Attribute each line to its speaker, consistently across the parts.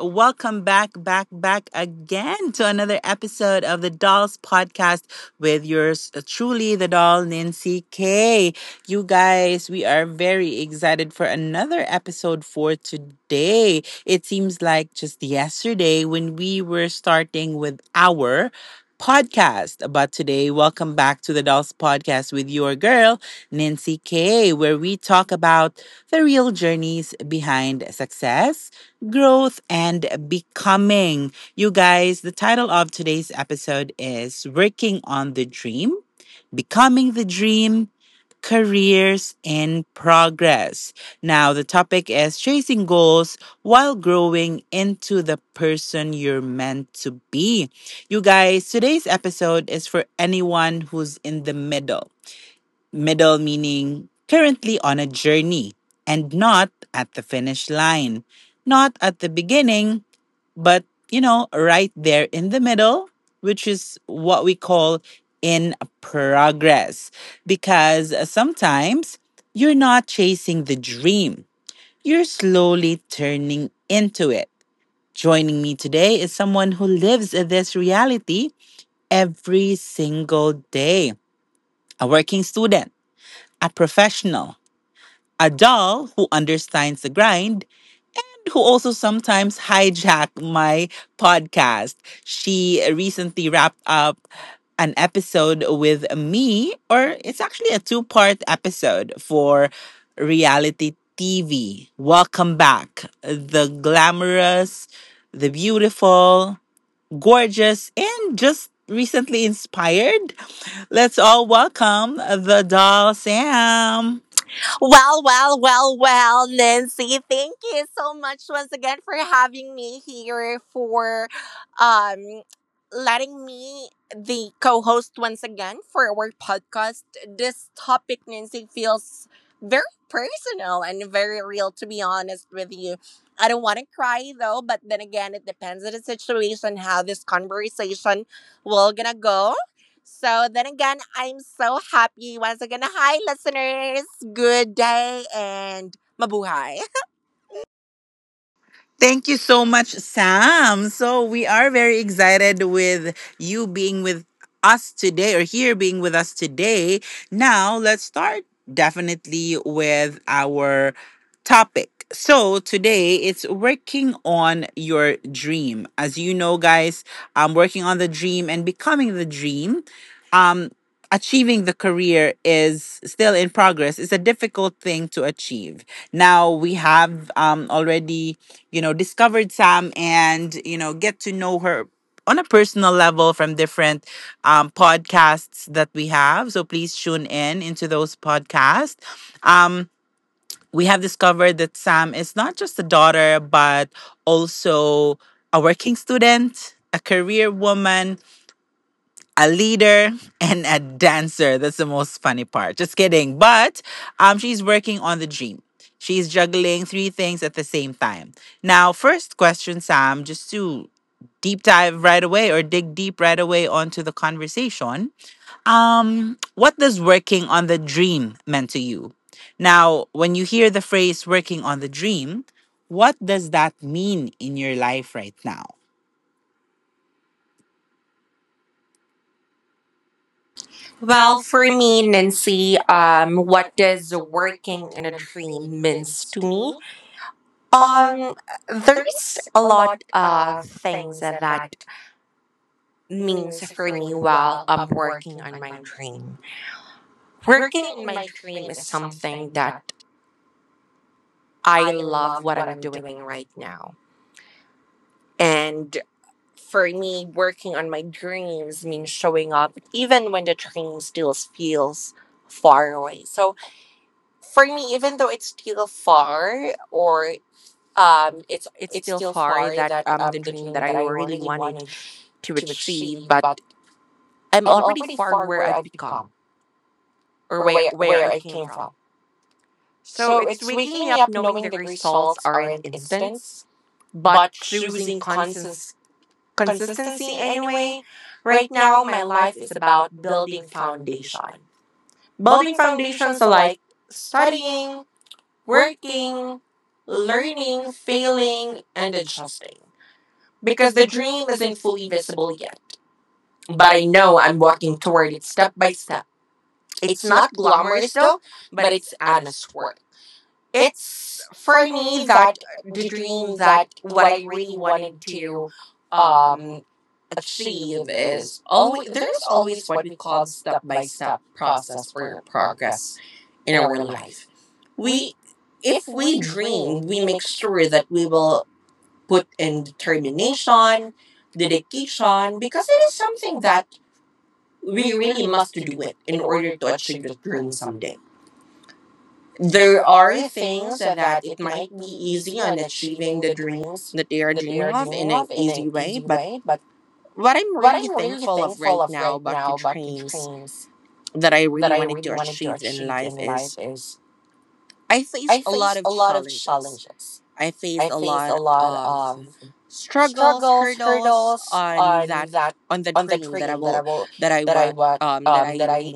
Speaker 1: Welcome back again to another episode of the Dolls Podcast with yours truly, the doll, Nancy K. You guys, we are very excited for another episode for today. It seems like just yesterday when we were starting with our podcast. But today, welcome back to the Dolls Podcast with your girl, Nancy K, where we talk about the real journeys behind success, growth, and becoming. You guys, the title of today's episode is Working on the Dream, Becoming the Dream, Careers in Progress. Now, the topic is chasing goals while growing into the person you're meant to be. You guys, today's episode is for anyone who's in the middle. Meaning currently on a journey and not at the finish line. Not at the beginning, but you know, right there in the middle, which is what we call in progress. Because sometimes you're not chasing the dream, you're slowly turning into it. Joining me today is someone who lives this reality every single day: a working student, a professional, a doll who understands the grind, who also sometimes hijack my podcast. She recently wrapped up an episode with me, or it's actually a two-part episode for reality TV. Welcome back, the glamorous, the beautiful, gorgeous, and just recently inspired. Let's all welcome the doll, Sam.
Speaker 2: Well, well, well, well, Nancy, thank you so much once again for having me here, for um, letting me the co host once again for our podcast. This topic, Nancy, feels very personal and very real, to be honest with you. I don't want to cry though, but then again, it depends on the situation, how this conversation will gonna go. So then again, I'm so happy once again. Hi, listeners. Good day and mabuhay.
Speaker 1: Thank you so much, Sam. So we are very excited with you being with us today, or here being with us today. Now, let's start definitely with our topic. So today it's working on your dream. As you know, guys, working on the dream and becoming the dream. Um, achieving the career is still in progress. It's a difficult thing to achieve. Now we have already you know, discovered Sam, and, you know, get to know her on a personal level from different podcasts that we have. So please tune in into those podcasts. Um, we have discovered that Sam is not just a daughter, but also a working student, a career woman, a leader, and a dancer. That's the most funny part. Just kidding. But she's working on the dream. She's juggling three things at the same time. Now, first question, Sam, just to deep dive right away or dig deep right away onto the conversation. What does working on the dream mean to you? Now, when you hear the phrase working on the dream, what does that mean in your life right now?
Speaker 2: Well,
Speaker 1: Well,
Speaker 2: for
Speaker 1: for
Speaker 2: me,
Speaker 1: me,
Speaker 2: Nancy, what does
Speaker 1: working
Speaker 2: working in a
Speaker 1: in a
Speaker 2: dream
Speaker 1: dream,
Speaker 2: means to me? Um, there's a lot of things that means for me while I'm working on my dream. Working
Speaker 1: working
Speaker 2: in
Speaker 1: in
Speaker 2: my
Speaker 1: my
Speaker 2: dream
Speaker 1: dream
Speaker 2: is
Speaker 1: is
Speaker 2: something
Speaker 1: something
Speaker 2: that
Speaker 1: that
Speaker 2: I
Speaker 1: I
Speaker 2: love
Speaker 1: love
Speaker 2: what
Speaker 1: what
Speaker 2: I'm
Speaker 1: I'm
Speaker 2: doing
Speaker 1: doing
Speaker 2: right
Speaker 1: right now.
Speaker 2: now.
Speaker 1: And
Speaker 2: And for
Speaker 1: for
Speaker 2: me,
Speaker 1: me,
Speaker 2: working on my dreams means showing up even when the dream still feels far away. So for me, even though it's still
Speaker 1: still,
Speaker 2: far
Speaker 1: or
Speaker 2: or it's
Speaker 1: it's it's
Speaker 2: still
Speaker 1: still
Speaker 2: far that the dream that I really wanted to achieve, but I'm already far
Speaker 1: far
Speaker 2: where
Speaker 1: where
Speaker 2: I've
Speaker 1: I've
Speaker 2: become or where where I
Speaker 1: where I
Speaker 2: came
Speaker 1: came
Speaker 2: from.
Speaker 1: from.
Speaker 2: So
Speaker 1: So
Speaker 2: it's
Speaker 1: it's
Speaker 2: waking me up knowing the
Speaker 1: knowing the
Speaker 2: results aren't instant, but choosing constant
Speaker 1: consist
Speaker 2: consistency
Speaker 1: consistency
Speaker 2: anyway.
Speaker 1: anyway.
Speaker 2: Right
Speaker 1: Right
Speaker 2: now,
Speaker 1: now,
Speaker 2: my
Speaker 1: my
Speaker 2: life
Speaker 1: life
Speaker 2: is
Speaker 1: is
Speaker 2: about
Speaker 1: about
Speaker 2: building
Speaker 1: building foundation,
Speaker 2: foundation. Building foundations are like studying,
Speaker 1: studying,
Speaker 2: working,
Speaker 1: working,
Speaker 2: learning,
Speaker 1: learning,
Speaker 2: failing,
Speaker 1: failing,
Speaker 2: and
Speaker 1: and adjusting.
Speaker 2: adjusting. Because
Speaker 1: Because
Speaker 2: the
Speaker 1: the
Speaker 2: dream
Speaker 1: dream
Speaker 2: isn't
Speaker 1: isn't
Speaker 2: fully
Speaker 1: fully
Speaker 2: visible
Speaker 1: visible
Speaker 2: yet.
Speaker 1: yet,
Speaker 2: But
Speaker 1: but I
Speaker 2: I know
Speaker 1: know
Speaker 2: I'm
Speaker 1: I'm
Speaker 2: walking
Speaker 1: walking
Speaker 2: toward
Speaker 1: toward
Speaker 2: it
Speaker 1: it
Speaker 2: step
Speaker 1: step
Speaker 2: by
Speaker 1: by
Speaker 2: step.
Speaker 1: step.
Speaker 2: It's
Speaker 1: It's
Speaker 2: not
Speaker 1: not
Speaker 2: glamorous
Speaker 1: glamorous
Speaker 2: though,
Speaker 1: though,
Speaker 2: but
Speaker 1: but
Speaker 2: it's
Speaker 1: it's
Speaker 2: honest
Speaker 1: honest
Speaker 2: work.
Speaker 1: work.
Speaker 2: It's
Speaker 1: It's
Speaker 2: for
Speaker 1: for
Speaker 2: me
Speaker 1: me
Speaker 2: that
Speaker 1: that
Speaker 2: the
Speaker 1: the
Speaker 2: dream
Speaker 1: dream
Speaker 2: that
Speaker 1: that
Speaker 2: what
Speaker 1: what
Speaker 2: I
Speaker 1: I
Speaker 2: really
Speaker 1: really
Speaker 2: wanted
Speaker 1: wanted
Speaker 2: to
Speaker 1: to
Speaker 2: um
Speaker 1: um
Speaker 2: achieve
Speaker 1: achieve.
Speaker 2: is always there's
Speaker 1: Always,
Speaker 2: always
Speaker 1: always
Speaker 2: what we
Speaker 1: we
Speaker 2: call
Speaker 1: constantly
Speaker 2: step by step
Speaker 1: step cross
Speaker 2: process or progress in our life. We if we dream,
Speaker 1: trained.
Speaker 2: we
Speaker 1: We
Speaker 2: make
Speaker 1: make
Speaker 2: sure
Speaker 1: sure
Speaker 2: that
Speaker 1: that
Speaker 2: we
Speaker 1: we
Speaker 2: will
Speaker 1: will
Speaker 2: put in determination,
Speaker 1: teach
Speaker 2: dedication
Speaker 1: on
Speaker 2: because
Speaker 1: because
Speaker 2: it
Speaker 1: it
Speaker 2: is
Speaker 1: is
Speaker 2: something
Speaker 1: something
Speaker 2: that
Speaker 1: that
Speaker 2: we
Speaker 1: we
Speaker 2: really
Speaker 1: really
Speaker 2: must
Speaker 1: must
Speaker 2: do
Speaker 1: do
Speaker 2: it
Speaker 1: it
Speaker 2: in
Speaker 1: in
Speaker 2: order
Speaker 1: order
Speaker 2: to
Speaker 1: to
Speaker 2: achieve
Speaker 1: achieve
Speaker 2: the
Speaker 1: the
Speaker 2: dream
Speaker 1: dream
Speaker 2: someday.
Speaker 1: someday.
Speaker 2: There
Speaker 1: There
Speaker 2: are
Speaker 1: are
Speaker 2: things
Speaker 1: things
Speaker 2: that
Speaker 1: that
Speaker 2: it
Speaker 1: it
Speaker 2: might
Speaker 1: might
Speaker 2: be
Speaker 1: be easy
Speaker 2: easy on
Speaker 1: on
Speaker 2: achieving
Speaker 1: achieving
Speaker 2: the
Speaker 1: the
Speaker 2: dreams
Speaker 1: dreams
Speaker 2: that they are
Speaker 1: that they are
Speaker 2: dreaming of in
Speaker 1: dreaming
Speaker 2: an
Speaker 1: of in
Speaker 2: easy
Speaker 1: an
Speaker 2: way,
Speaker 1: easy
Speaker 2: but
Speaker 1: way, but
Speaker 2: what I'm
Speaker 1: what
Speaker 2: really
Speaker 1: I'm really
Speaker 2: thankful of
Speaker 1: thankful
Speaker 2: right
Speaker 1: of
Speaker 2: now
Speaker 1: right
Speaker 2: about the
Speaker 1: now about the
Speaker 2: dreams
Speaker 1: dreams
Speaker 2: that I really
Speaker 1: that I
Speaker 2: wanted to
Speaker 1: really wanted to
Speaker 2: achieve in
Speaker 1: achieve
Speaker 2: life
Speaker 1: in life
Speaker 2: is
Speaker 1: is
Speaker 2: I
Speaker 1: I
Speaker 2: faced a lot
Speaker 1: faced
Speaker 2: of
Speaker 1: a lot of
Speaker 2: challenges.
Speaker 1: challenges.
Speaker 2: I faced
Speaker 1: I
Speaker 2: a
Speaker 1: faced
Speaker 2: lot
Speaker 1: a lot
Speaker 2: of
Speaker 1: of
Speaker 2: struggles,
Speaker 1: struggles,
Speaker 2: hurdles
Speaker 1: hurdles
Speaker 2: on
Speaker 1: on
Speaker 2: that
Speaker 1: that,
Speaker 2: on the
Speaker 1: on the
Speaker 2: dream that
Speaker 1: dream that I will
Speaker 2: I
Speaker 1: that I
Speaker 2: want
Speaker 1: want um that I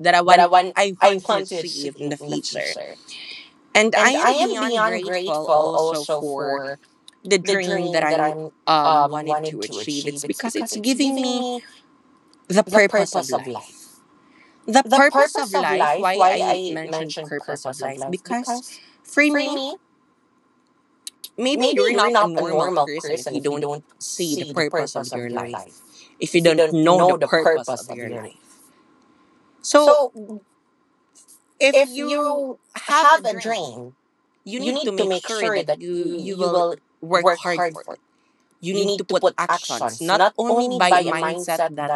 Speaker 2: that I
Speaker 1: that
Speaker 2: want I
Speaker 1: I
Speaker 2: want to
Speaker 1: want to
Speaker 2: achieve in
Speaker 1: achieve
Speaker 2: the
Speaker 1: in the
Speaker 2: future.
Speaker 1: future.
Speaker 2: And I
Speaker 1: And I
Speaker 2: am
Speaker 1: am
Speaker 2: beyond
Speaker 1: beyond
Speaker 2: grateful
Speaker 1: grateful
Speaker 2: also
Speaker 1: also
Speaker 2: for
Speaker 1: for
Speaker 2: the
Speaker 1: the
Speaker 2: dream that
Speaker 1: dream that
Speaker 2: I'm
Speaker 1: I'm um
Speaker 2: wanted
Speaker 1: wanted
Speaker 2: to
Speaker 1: to
Speaker 2: achieve. It's because it's giving me
Speaker 1: me
Speaker 2: the purpose of
Speaker 1: of
Speaker 2: life,
Speaker 1: life. Of life,
Speaker 2: why
Speaker 1: why
Speaker 2: I
Speaker 1: I
Speaker 2: mentioned
Speaker 1: mentioned
Speaker 2: purpose of life
Speaker 1: life,
Speaker 2: because
Speaker 1: because
Speaker 2: for
Speaker 1: for
Speaker 2: me
Speaker 1: me,
Speaker 2: maybe
Speaker 1: maybe
Speaker 2: you're
Speaker 1: you're
Speaker 2: not a
Speaker 1: not a
Speaker 2: normal
Speaker 1: normal
Speaker 2: person if
Speaker 1: person
Speaker 2: you
Speaker 1: if you
Speaker 2: don't
Speaker 1: don't
Speaker 2: see the
Speaker 1: see the
Speaker 2: purpose
Speaker 1: purpose
Speaker 2: of your
Speaker 1: of your
Speaker 2: life,
Speaker 1: life.
Speaker 2: if you
Speaker 1: If you
Speaker 2: don't
Speaker 1: don't
Speaker 2: know the
Speaker 1: know the
Speaker 2: purpose
Speaker 1: purpose
Speaker 2: of
Speaker 1: of
Speaker 2: your
Speaker 1: your life.
Speaker 2: life. So
Speaker 1: So
Speaker 2: if
Speaker 1: if
Speaker 2: you
Speaker 1: you
Speaker 2: have a
Speaker 1: have a
Speaker 2: dream,
Speaker 1: dream,
Speaker 2: you
Speaker 1: you
Speaker 2: need to
Speaker 1: need to
Speaker 2: make
Speaker 1: make
Speaker 2: sure
Speaker 1: sure
Speaker 2: that
Speaker 1: that
Speaker 2: you
Speaker 1: you
Speaker 2: you
Speaker 1: you
Speaker 2: will
Speaker 1: will
Speaker 2: work
Speaker 1: work
Speaker 2: hard
Speaker 1: hard
Speaker 2: for
Speaker 1: for
Speaker 2: it.
Speaker 1: it.
Speaker 2: You
Speaker 1: You
Speaker 2: need to
Speaker 1: need to
Speaker 2: put
Speaker 1: put
Speaker 2: actions
Speaker 1: actions.
Speaker 2: not only
Speaker 1: Only
Speaker 2: by
Speaker 1: by
Speaker 2: a
Speaker 1: a
Speaker 2: mindset
Speaker 1: mindset
Speaker 2: that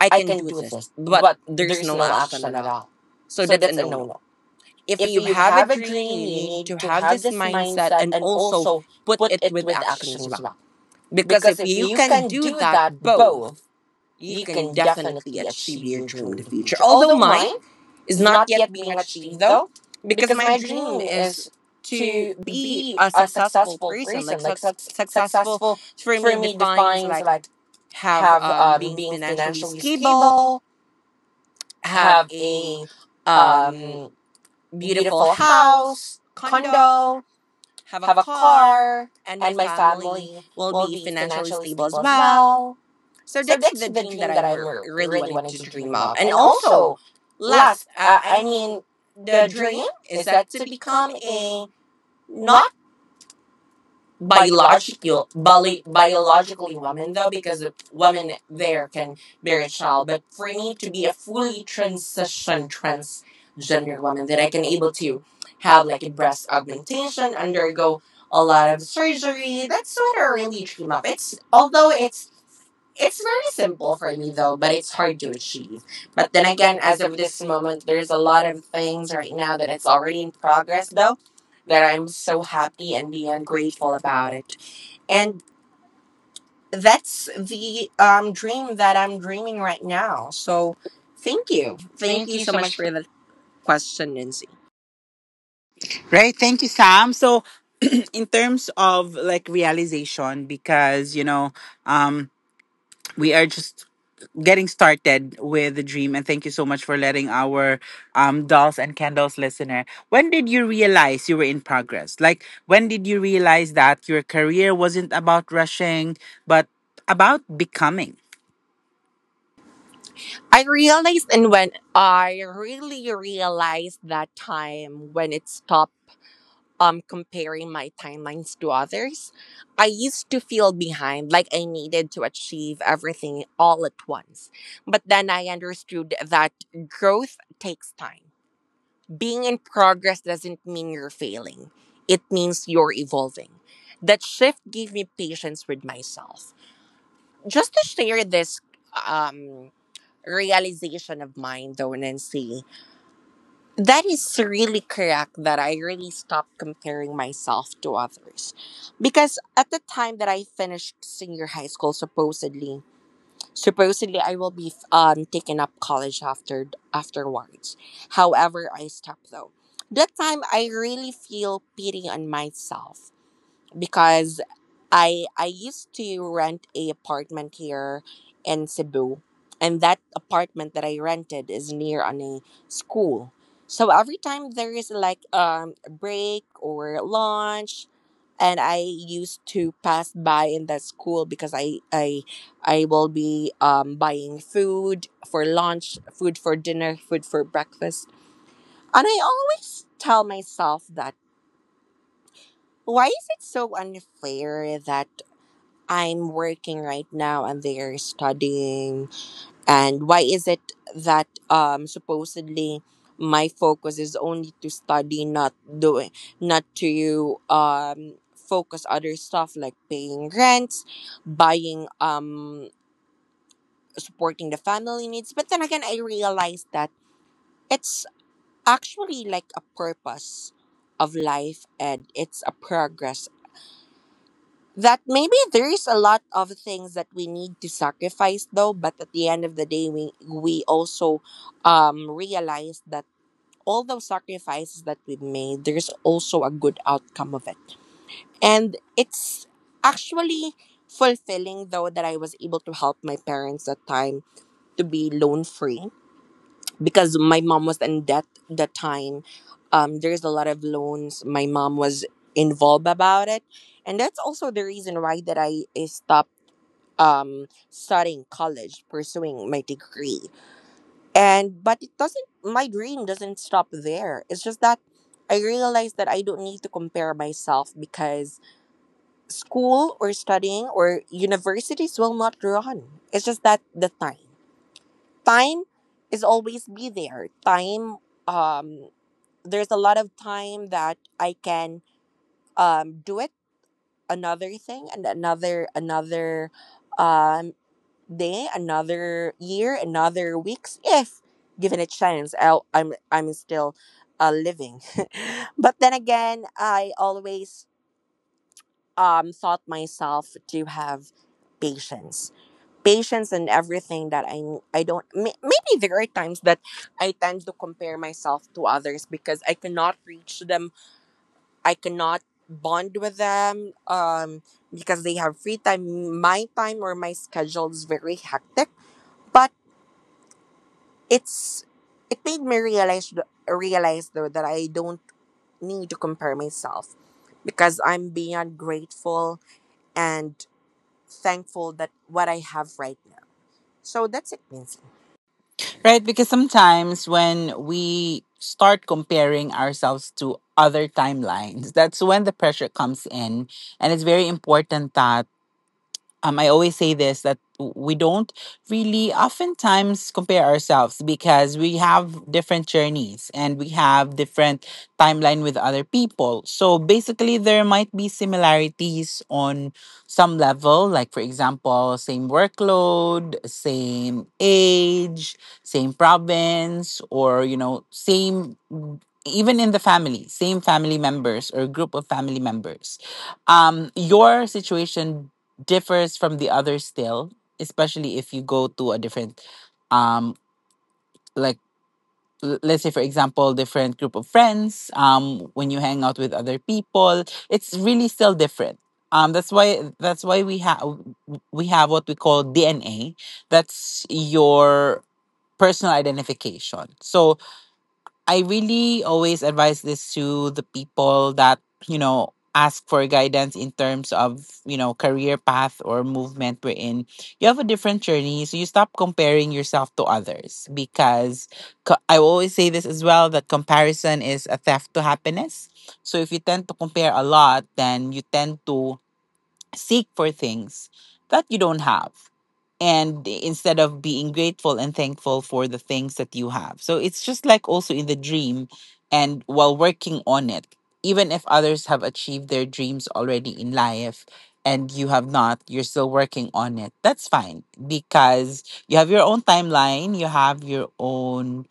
Speaker 2: I
Speaker 1: I
Speaker 2: can
Speaker 1: can
Speaker 2: do
Speaker 1: do
Speaker 2: this but there's
Speaker 1: is
Speaker 2: no
Speaker 1: no
Speaker 2: action at
Speaker 1: action at
Speaker 2: all,
Speaker 1: all.
Speaker 2: so that's a
Speaker 1: It's a
Speaker 2: no
Speaker 1: no
Speaker 2: no.
Speaker 1: no.
Speaker 2: If
Speaker 1: If
Speaker 2: you
Speaker 1: you
Speaker 2: have a
Speaker 1: have a
Speaker 2: dream,
Speaker 1: dream,
Speaker 2: you
Speaker 1: you
Speaker 2: need to
Speaker 1: need
Speaker 2: have this mindset
Speaker 1: mindset.
Speaker 2: and also
Speaker 1: So
Speaker 2: put
Speaker 1: put
Speaker 2: it
Speaker 1: it,
Speaker 2: with action as well. Because if you
Speaker 1: you
Speaker 2: can
Speaker 1: can
Speaker 2: do
Speaker 1: do
Speaker 2: that
Speaker 1: that
Speaker 2: both,
Speaker 1: both.
Speaker 2: you
Speaker 1: You
Speaker 2: can
Speaker 1: can
Speaker 2: definitely achieve your dream in the future. Although mine is not yet being
Speaker 1: being
Speaker 2: achieved
Speaker 1: a
Speaker 2: though,
Speaker 1: though.
Speaker 2: because
Speaker 1: Because
Speaker 2: my
Speaker 1: my
Speaker 2: dream
Speaker 1: dream
Speaker 2: is
Speaker 1: is
Speaker 2: to
Speaker 1: to
Speaker 2: be
Speaker 1: be
Speaker 2: a
Speaker 1: a
Speaker 2: successful
Speaker 1: successful
Speaker 2: person. Like
Speaker 1: person. Like suc
Speaker 2: successful
Speaker 1: successful
Speaker 2: for
Speaker 1: for
Speaker 2: me
Speaker 1: me
Speaker 2: defines
Speaker 1: defines
Speaker 2: like
Speaker 1: like
Speaker 2: have
Speaker 1: have
Speaker 2: being
Speaker 1: being
Speaker 2: financially
Speaker 1: financially
Speaker 2: stable,
Speaker 1: stable,
Speaker 2: have
Speaker 1: have
Speaker 2: a
Speaker 1: a
Speaker 2: um
Speaker 1: um,
Speaker 2: beautiful
Speaker 1: beautiful
Speaker 2: house,
Speaker 1: house,
Speaker 2: condo,
Speaker 1: condo,
Speaker 2: have a
Speaker 1: have a
Speaker 2: car,
Speaker 1: car,
Speaker 2: and my
Speaker 1: and my
Speaker 2: family
Speaker 1: family
Speaker 2: will be financially
Speaker 1: financially
Speaker 2: stable as
Speaker 1: stable.
Speaker 2: well. So
Speaker 1: So
Speaker 2: that's
Speaker 1: that's
Speaker 2: the
Speaker 1: the
Speaker 2: dream that
Speaker 1: dream that
Speaker 2: I'm
Speaker 1: I'm
Speaker 2: really
Speaker 1: really
Speaker 2: wanting
Speaker 1: wanted
Speaker 2: to
Speaker 1: to
Speaker 2: dream
Speaker 1: dream
Speaker 2: of.
Speaker 1: of.
Speaker 2: And
Speaker 1: And
Speaker 2: also,
Speaker 1: also,
Speaker 2: last,
Speaker 1: last, I mean,
Speaker 2: the
Speaker 1: the
Speaker 2: dream
Speaker 1: dream
Speaker 2: is
Speaker 1: is
Speaker 2: that
Speaker 1: that
Speaker 2: to
Speaker 1: to
Speaker 2: become
Speaker 1: become
Speaker 2: a
Speaker 1: a
Speaker 2: not
Speaker 1: not
Speaker 2: biological
Speaker 1: biological, bi-
Speaker 2: biologically
Speaker 1: biologically
Speaker 2: woman
Speaker 1: woman,
Speaker 2: though because the woman
Speaker 1: woman
Speaker 2: there can bear a child
Speaker 1: child,
Speaker 2: but
Speaker 1: but
Speaker 2: for me to be a fully
Speaker 1: fully
Speaker 2: transition transgender woman that I can able to have
Speaker 1: have
Speaker 2: like a breast augmentation,
Speaker 1: intention under
Speaker 2: undergo a
Speaker 1: a
Speaker 2: lot
Speaker 1: lot
Speaker 2: of
Speaker 1: of
Speaker 2: surgery.
Speaker 1: surgery. That's
Speaker 2: That's what
Speaker 1: sort
Speaker 2: I
Speaker 1: of
Speaker 2: really dream of. It's although it's
Speaker 1: it's
Speaker 2: very
Speaker 1: very
Speaker 2: simple for me though, but it's hard to achieve. But then again,
Speaker 1: again,
Speaker 2: as
Speaker 1: as
Speaker 2: of
Speaker 1: of
Speaker 2: this
Speaker 1: this moment,
Speaker 2: moment,
Speaker 1: there's
Speaker 2: there's
Speaker 1: a
Speaker 2: a
Speaker 1: lot
Speaker 2: lot
Speaker 1: of
Speaker 2: of things
Speaker 1: right
Speaker 2: right
Speaker 1: now
Speaker 2: now that
Speaker 1: that
Speaker 2: it's already
Speaker 1: in
Speaker 2: in
Speaker 1: progress
Speaker 2: progress
Speaker 1: though,
Speaker 2: though
Speaker 1: that
Speaker 2: that
Speaker 1: I'm
Speaker 2: I'm
Speaker 1: so
Speaker 2: so
Speaker 1: happy
Speaker 2: happy and
Speaker 1: and
Speaker 2: beyond grateful
Speaker 1: about
Speaker 2: about
Speaker 1: it.
Speaker 2: it.
Speaker 1: And
Speaker 2: And that's
Speaker 1: that's
Speaker 2: the
Speaker 1: the
Speaker 2: dream
Speaker 1: dream
Speaker 2: that
Speaker 1: that
Speaker 2: I'm
Speaker 1: I'm
Speaker 2: dreaming
Speaker 1: dreaming
Speaker 2: right
Speaker 1: right
Speaker 2: now.
Speaker 1: now. So
Speaker 2: So thank
Speaker 1: thank you.
Speaker 2: you. Thank
Speaker 1: Thank
Speaker 2: you
Speaker 1: you
Speaker 2: so
Speaker 1: so
Speaker 2: much
Speaker 1: much for
Speaker 2: for that question, Nancy.
Speaker 1: Right. Thank you, Sam. So, in terms of like realization, because you know, um, we are just getting started with the dream, and thank you so much for letting our dolls and candles listener, when did you realize you were in progress? Like, when did you realize that your career wasn't about rushing but about becoming?
Speaker 2: I realized and when I really realized that time when it stopped comparing my timelines to others, I used to feel behind, like I needed to achieve everything all at once. But then I understood that growth takes time. Being in progress doesn't mean you're failing, it means you're evolving. That shift gave me patience with myself. Just to share this um, realization of mine, though, Nancy, that is really correct that I really stopped comparing myself to others. Because at the time that I finished senior high school, supposedly, I will be taking up college after afterwards. However, I stopped though. That time I really feel pity on myself because I used to rent a apartment here in Cebu, and that apartment that I rented is near on a school. So every time there is like a break or lunch, and I used to pass by in that school because I will be buying food for lunch, food for dinner, food for breakfast, and I always tell myself that why is it so unfair that I'm working right now and they're studying. And why is it that supposedly my focus is only to study, not doing, not to focus other stuff like paying rents, buying supporting the family needs. But then again, I realized that it's actually like a purpose of life and it's a progress that maybe there is a lot of things that we need to sacrifice though, but at the end of the day we also realize that all those sacrifices that we've made there's also a good outcome of it. And it's actually fulfilling though that I was able to help my parents that time to be loan free because my mom was in debt that time. There's a lot of loans my mom was involved about it, and that's also the reason why that I stopped studying college pursuing my degree. And but it doesn't my dream doesn't stop there, it's just that I realized that I don't need to compare myself because school or studying or universities will not run. It's just that the time is always be there time um there's a lot of time that I can do it another thing and another um day, another year, another weeks, if given a chance, I'm still living. But then again, I always thought myself to have patience, patience in everything that I don't. Maybe there are times that I tend to compare myself to others because I cannot reach them. I cannot bond with them because they have free time my time or my schedule is very hectic, but it's it made me realize realize though that I don't need to compare myself because I'm beyond grateful and thankful that what I have right now. So that's it, Nancy.
Speaker 1: Right, because sometimes when we start comparing ourselves to other timelines, that's when the pressure comes in. And it's very important, I always say this, that we don't really oftentimes compare ourselves because we have different journeys and we have different timeline with other people. So basically, there might be similarities on some level, like for example, same workload, same age, same province, or you know, same even in the family, same family members or group of family members. Your situation differs from the other still, especially if you go to a different, um, like let's say for example, different group of friends. When you hang out with other people, it's really still different. That's why we have what we call DNA. That's your personal identification. So I really always advise this to the people that, you know, ask for guidance in terms of, you know, career path or movement we're in. You have a different journey, so you stop comparing yourself to others, because I always say this as well, that comparison is a theft to happiness. So if you tend to compare a lot, then you tend to seek for things that you don't have, and instead of being grateful and thankful for the things that you have. So it's just like also in the dream and while working on it, even if others have achieved their dreams already in life and you have not, you're still working on it. That's fine because you have your own timeline, you have your own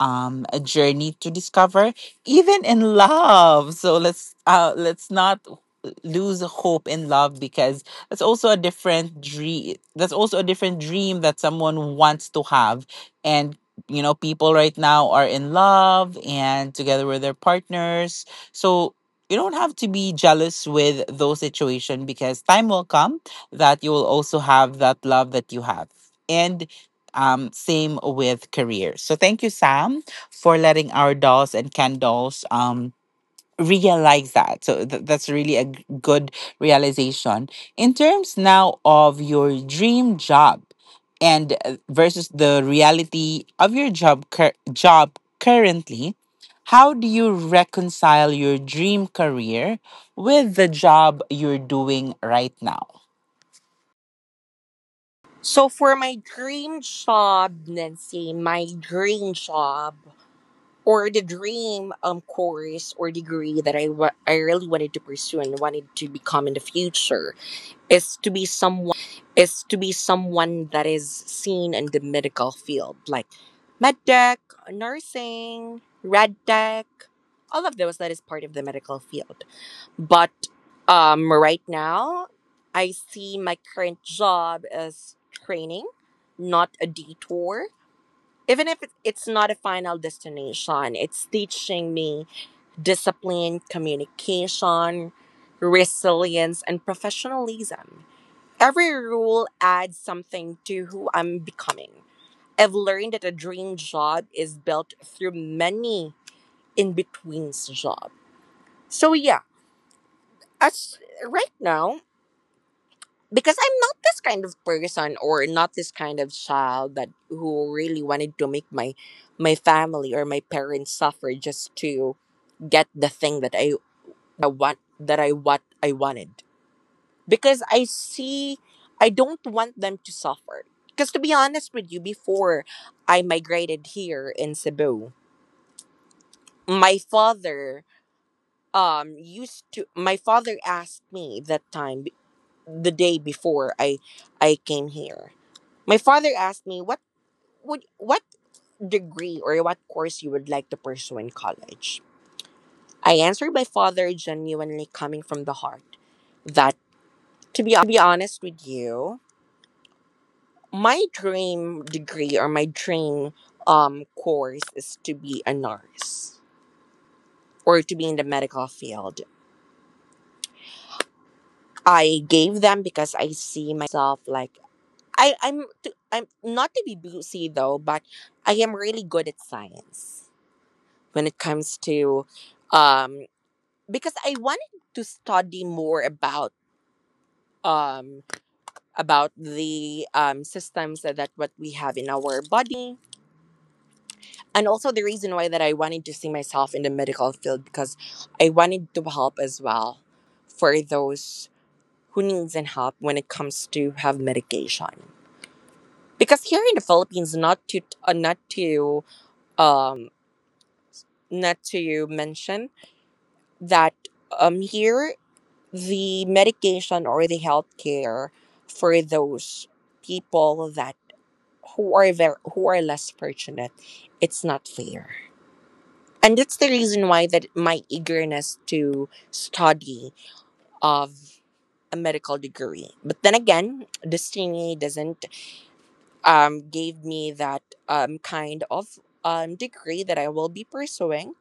Speaker 1: a journey to discover, even in love. So let's not lose hope in love, because that's also a different dream. That's also a different dream that someone wants to have, and you know, people right now are in love and together with their partners. So you don't have to be jealous with those situations, because time will come that you will also have that love that you have. And. Same with career. So thank you, Sam, for letting our dolls and Ken dolls realize that. So that's really a good realization in terms now of your dream job and versus the reality of your job job currently. How do you reconcile your dream career with the job you're doing right now?
Speaker 2: So for my dream job, Nancy, my dream job or the dream course or degree that I really wanted to pursue and wanted to become in the future is to be someone that is seen in the medical field, like med tech, nursing, rad tech, all of those that is part of the medical field. But right now, I see my current job as training, not a detour. Even if it's not a final destination, it's teaching me discipline, communication, resilience, and professionalism. Every rule adds something to who I'm becoming. I've learned that a dream job is built through many in betweens job. So yeah, as right now, because I'm not this kind of person or not this kind of child that who really wanted to make my family or my parents suffer just to get the thing that I what I wanted. Because I see I don't want them to suffer. Because to be honest with you, before I migrated here in Cebu, my father used to my father asked me that time the day before I came here. My father asked me what would what degree or what course you would like to pursue in college. I answered my father genuinely coming from the heart that to be honest with you, my dream degree or my dream course is to be a nurse or to be in the medical field. I gave them because I see myself like I'm I'm not to be boozy though, but I am really good at science when it comes to um because I wanted to study more about um the systems that, what we have in our body. And also the reason why that I wanted to see myself in the medical field because I wanted to help as well for those who needs and help when it comes to have medication. Because here in the Philippines, not to uh, not to um not to mention that here the medication or the healthcare for those people that who are very, who are less fortunate, it's not fair. And that's the reason why that my eagerness to study of a medical degree, but then again destiny doesn't gave me that kind of degree that I will be pursuing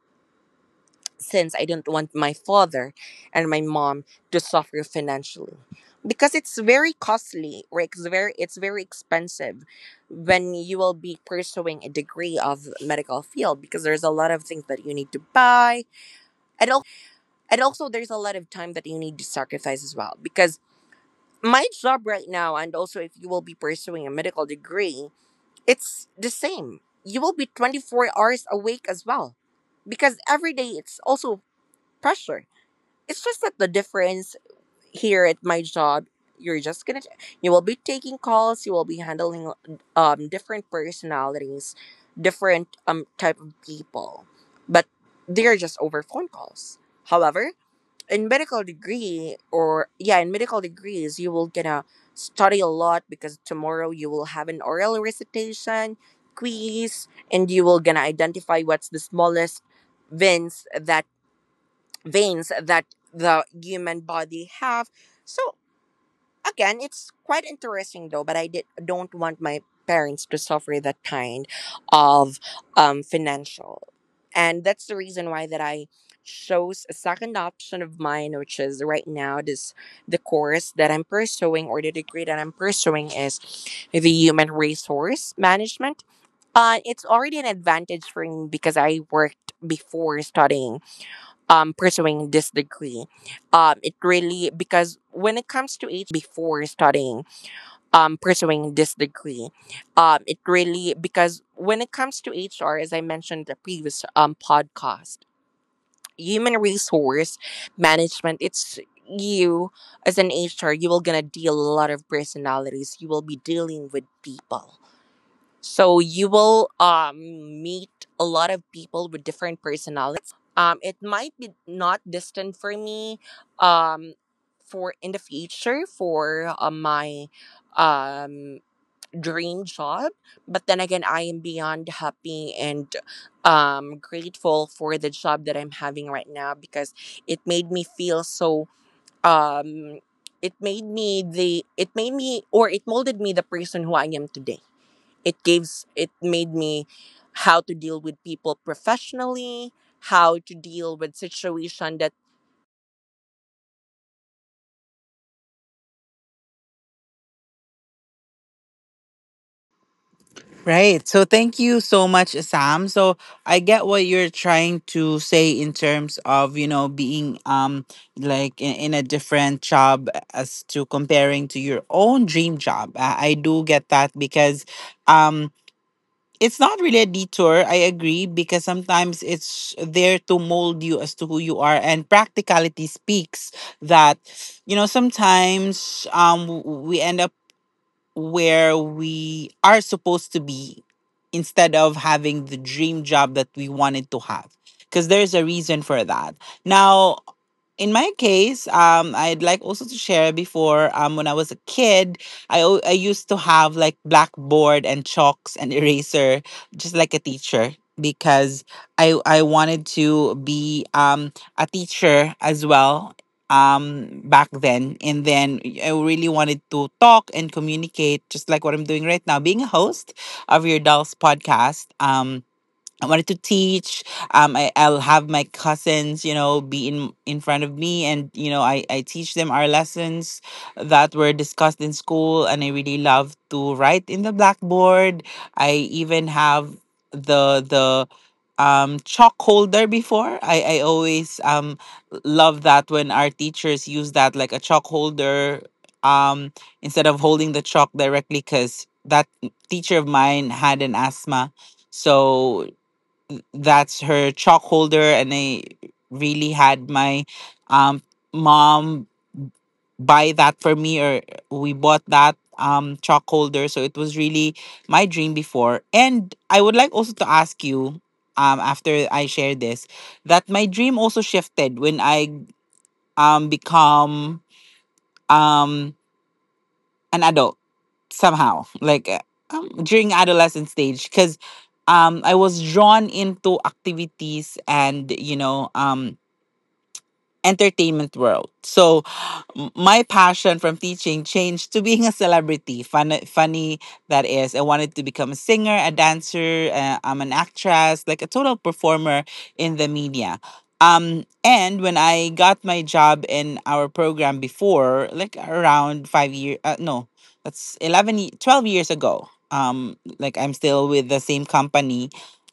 Speaker 2: since I don't want my father and my mom to suffer financially because it's very costly or it's very expensive when you will be pursuing a degree of medical field because there's a lot of things that you need to buy. And also, there's a lot of time that you need to sacrifice as well. Because my job right now, and also if you will be pursuing a medical degree, it's the same. You will be 24 hours awake as well. Because every day it's also pressure. It's just that the difference here at my job, you're just gonna, you will be taking calls, you will be handling different personalities, different type of people. But they're just over phone calls. However, in medical degree or yeah in medical degrees you will gonna study a lot because tomorrow you will have an oral recitation quiz and you will gonna identify what's the smallest veins that veins that the human body have. So again, it's quite interesting though, but I did don't want my parents to suffer that kind of financial. And that's the reason why that I chose a second option of mine, which is right now this the course that I'm pursuing or the degree that I'm pursuing is the human resource management. It's already an advantage for me because I worked before studying pursuing this degree. It really, because when it comes to HR, as I mentioned the previous podcast, human resource management, it's you as an HR, you will gonna deal a lot of personalities. You will be dealing with people. So you will meet a lot of people with different personalities. It might be not distant for me um, for in the future for my um dream job. But then again, I am beyond happy and grateful for the job that I'm having right now because it made me feel so. Um, it made me the. It made me or it molded me the person who I am today. It gives. It made me how to deal with people professionally, how to deal with situation that
Speaker 1: Right. So thank you so much, Sam. So I get what you're trying to say in terms of, you know, being like in a different job as to comparing to your own dream job. I do get that because um it's not really a detour, I agree, because sometimes it's there to mold you as to who you are. And practicality speaks that, you know, sometimes we end up where we are supposed to be instead of having the dream job that we wanted to have, because there's a reason for that. Now in my case, I'd like also to share before when I was a kid, I used to have like blackboard and chalks and eraser, just like a teacher, because I wanted to be a teacher as well back then, and then I really wanted to talk and communicate just like what I'm doing right now, being a host of your Dolls Podcast. I wanted to teach. I'll have my cousins, be in front of me, and I teach them our lessons that were discussed in school, and I really love to write in the blackboard. I even have the chalk holder before. I always love that when our teachers use that, like a chalk holder, um instead of holding the chalk directly, because that teacher of mine had an asthma, so that's her chalk holder. And I really had my um mom buy that for me, or we bought that chalk holder, so it was really my dream before. And I would like also to ask you, after I share this, that my dream also shifted when I become um an adult somehow, like during adolescent stage, because I was drawn into activities and, entertainment world. So my passion from teaching changed to being a celebrity. Funny that is. I wanted to become a singer, a dancer. I'm an actress, like a total performer in the media. And when I got my job in our program before, like around 5 years — no, that's 11, 12 years ago. Like I'm still with the same company.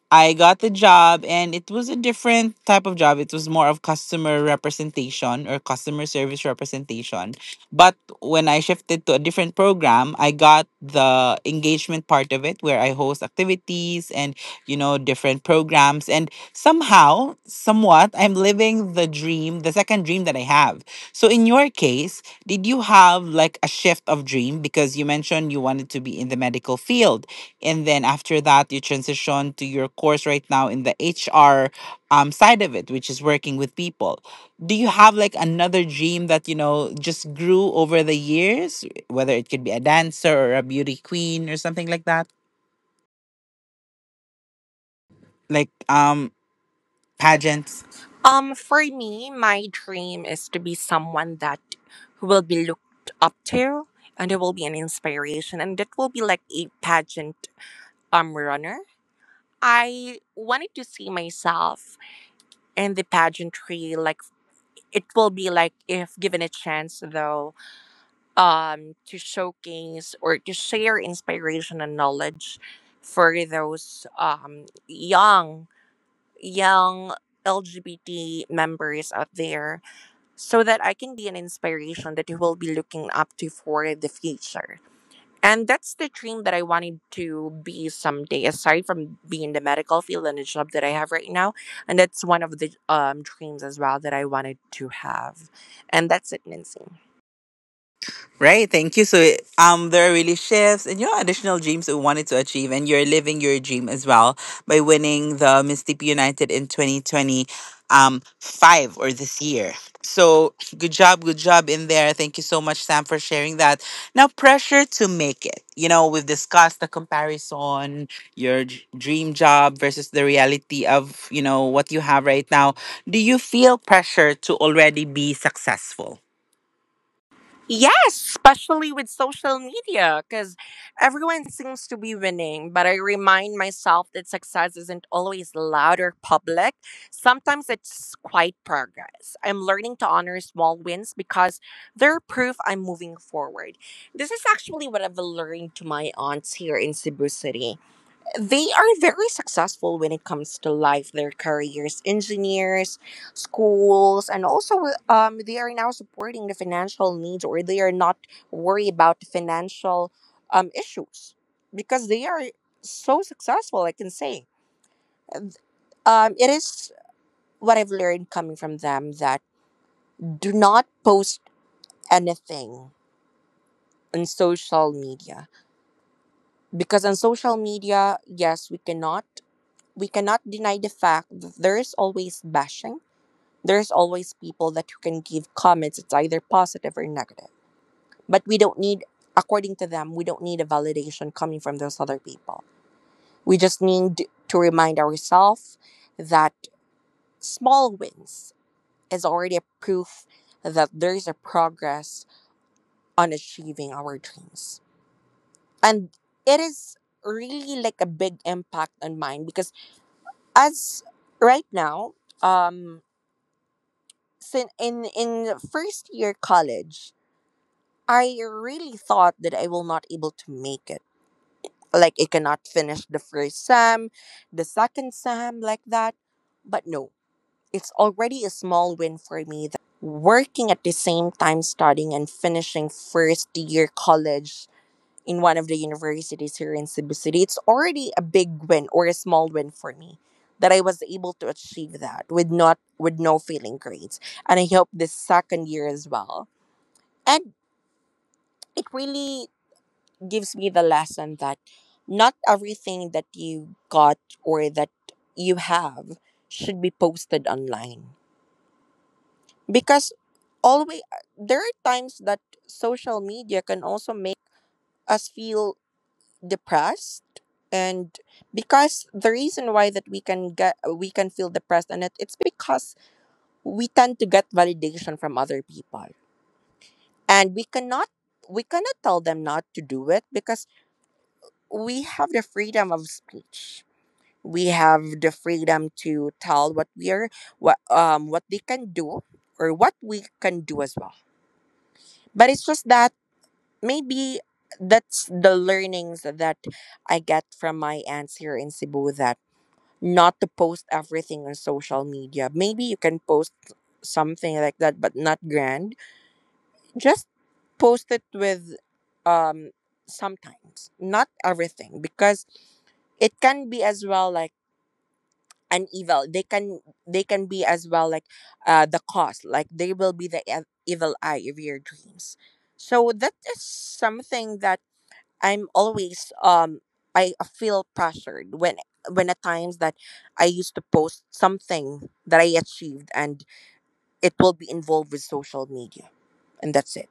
Speaker 1: I got the job and it was a different type of job. It was more of customer representation, or customer service representation. But when I shifted to a different program, I got the engagement part of it, where I host activities and, different programs. And somehow, somewhat, I'm living the dream, the second dream that I have. So in your case, did you have like a shift of dream? Because you mentioned you wanted to be in the medical field, and then after that you transition to your course right now, in the HR side of it, which is working with people. Do you have like another dream that, just grew over the years, whether it could be a dancer or a beauty queen, or something like that, like pageants?
Speaker 3: Pageants? For me, my dream is to be someone that who will be looked up to and who will be an inspiration and that will be like a pageant runner. I wanted to see myself in the pageantry, like it will be like if given a chance though, to showcase or to share inspiration and knowledge for those young LGBT members out there so that I can be an inspiration that you will be looking up to for the future. And that's the dream that I wanted to be someday, aside from being in the medical field and the job that I have right now. And that's one of the dreams as well that I wanted to have. And that's it, Nancy.
Speaker 1: Right, thank you. So there are really shifts and, additional dreams we wanted to achieve, and you're living your dream as well by winning the Miss TP United in 2020 five, or this year. So good job in there. Thank you so much, Sam, for sharing that. Now, pressure to make it. You know, we've discussed the comparison, your dream job versus the reality of, what you have right now. Do you feel pressure to already be successful?
Speaker 3: Yes, especially with social media, because everyone seems to be winning. But I remind myself that success isn't always loud or public. Sometimes it's quiet progress. I'm learning to honor small wins because they're proof I'm moving forward. This is actually what I've learned to my aunts here in Cebu City. They are very successful when it comes to life, their careers, engineers, schools, and also they are now supporting the financial needs, or they are not worried about the financial issues because they are so successful, I can say. It is what I've learned coming from them that do not post anything on social media, because on social media, yes, we cannot deny the fact that there's always bashing. There's always people that who can give comments. It's either positive or negative. But we don't need, according to them, we don't need a validation coming from those other people. We just need to remind ourselves that small wins is already a proof that there's a progress on achieving our dreams. And it is really like a big impact on mine because as right now, um, sin in first year college, I really thought that I will not able to make it. Like I cannot finish the first SAM, the second SAM, like that. But no, it's already a small win for me that working at the same time studying and finishing first year college in one of the universities here in Cebu City. It's already a big win or a small win for me that I was able to achieve that with not with no failing grades. And I hope this second year as well. And it really gives me the lesson that not everything that you got or that you have should be posted online. Because always there are times that social media can also make us feel depressed, and because the reason why that we can feel depressed, and it's because we tend to get validation from other people and we cannot tell them not to do it because we have the freedom of speech, we have the freedom to tell what we are, what they can do or what we can do as well, but it's just that maybe that's the learnings that I get from my aunts here in Cebu, that not to post everything on social media. Maybe you can post something like that, but not grand. Just post it with um sometimes, not everything, because it can be as well like an evil. They can be as well like the cost. Like they will be the evil eye of your dreams. So that is something that I'm always I feel pressured when at times that I used to post something that I achieved and it will be involved with social media, and that's it.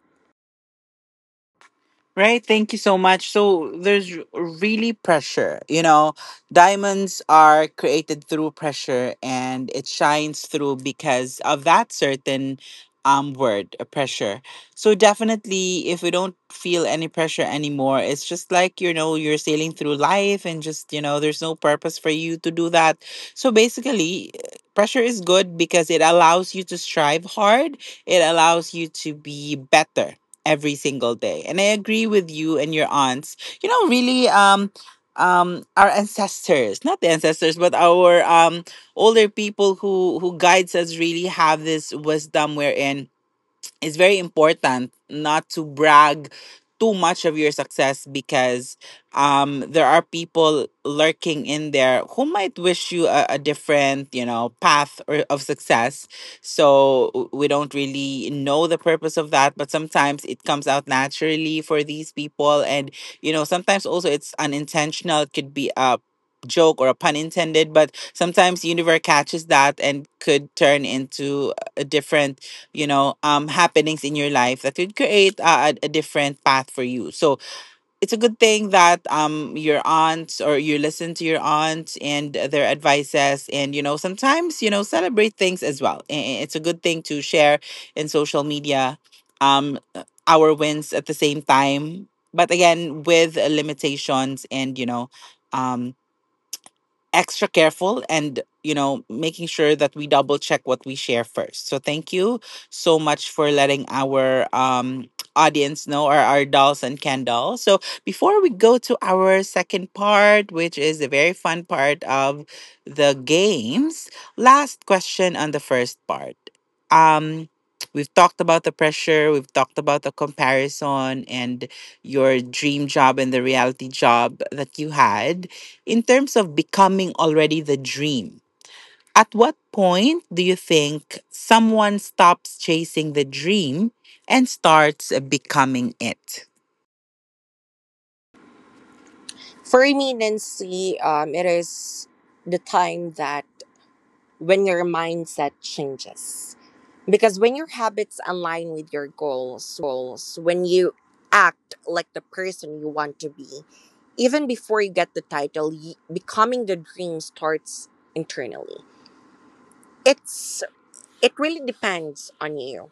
Speaker 1: Right, thank you so much. So there's really pressure. You know, diamonds are created through pressure, and it shines through because of that certain word, pressure. So definitely, if we don't feel any pressure anymore, it's just like, you're sailing through life, and just, there's no purpose for you to do that. So basically, pressure is good because it allows you to strive hard. It allows you to be better every single day. And I agree with you and your aunts. You know, really, our ancestors, not the ancestors, but our older people, who guides us, really have this wisdom, wherein it's very important not to brag too much of your success, because there are people lurking in there who might wish you a different, path, or of success. So we don't really know the purpose of that, but sometimes it comes out naturally for these people. And, sometimes also, it's unintentional. It could be a joke or a pun intended. But sometimes universe catches that, and could turn into a different, happenings in your life, that would create a different path for you. So it's a good thing that, your aunts, or you listen to your aunts and their advices. And, sometimes, celebrate things as well. And it's a good thing to share in social media, um our wins, at the same time. But again, with limitations and, um extra careful, and, making sure that we double check what we share first. So thank you so much for letting our audience know, or our dolls and can dolls. So before we go to our second part, which is the very fun part of the games, last question on the first part. Um we've talked about the pressure. We've talked about the comparison, and your dream job and the reality job that you had, in terms of becoming already the dream. At what point do you think someone stops chasing the dream and starts becoming it?
Speaker 3: For me, Nancy, it is the time that when your mindset changes. Because when your habits align with your goals, when you act like the person you want to be, even before you get the title, becoming the dream starts internally. It's it really depends on you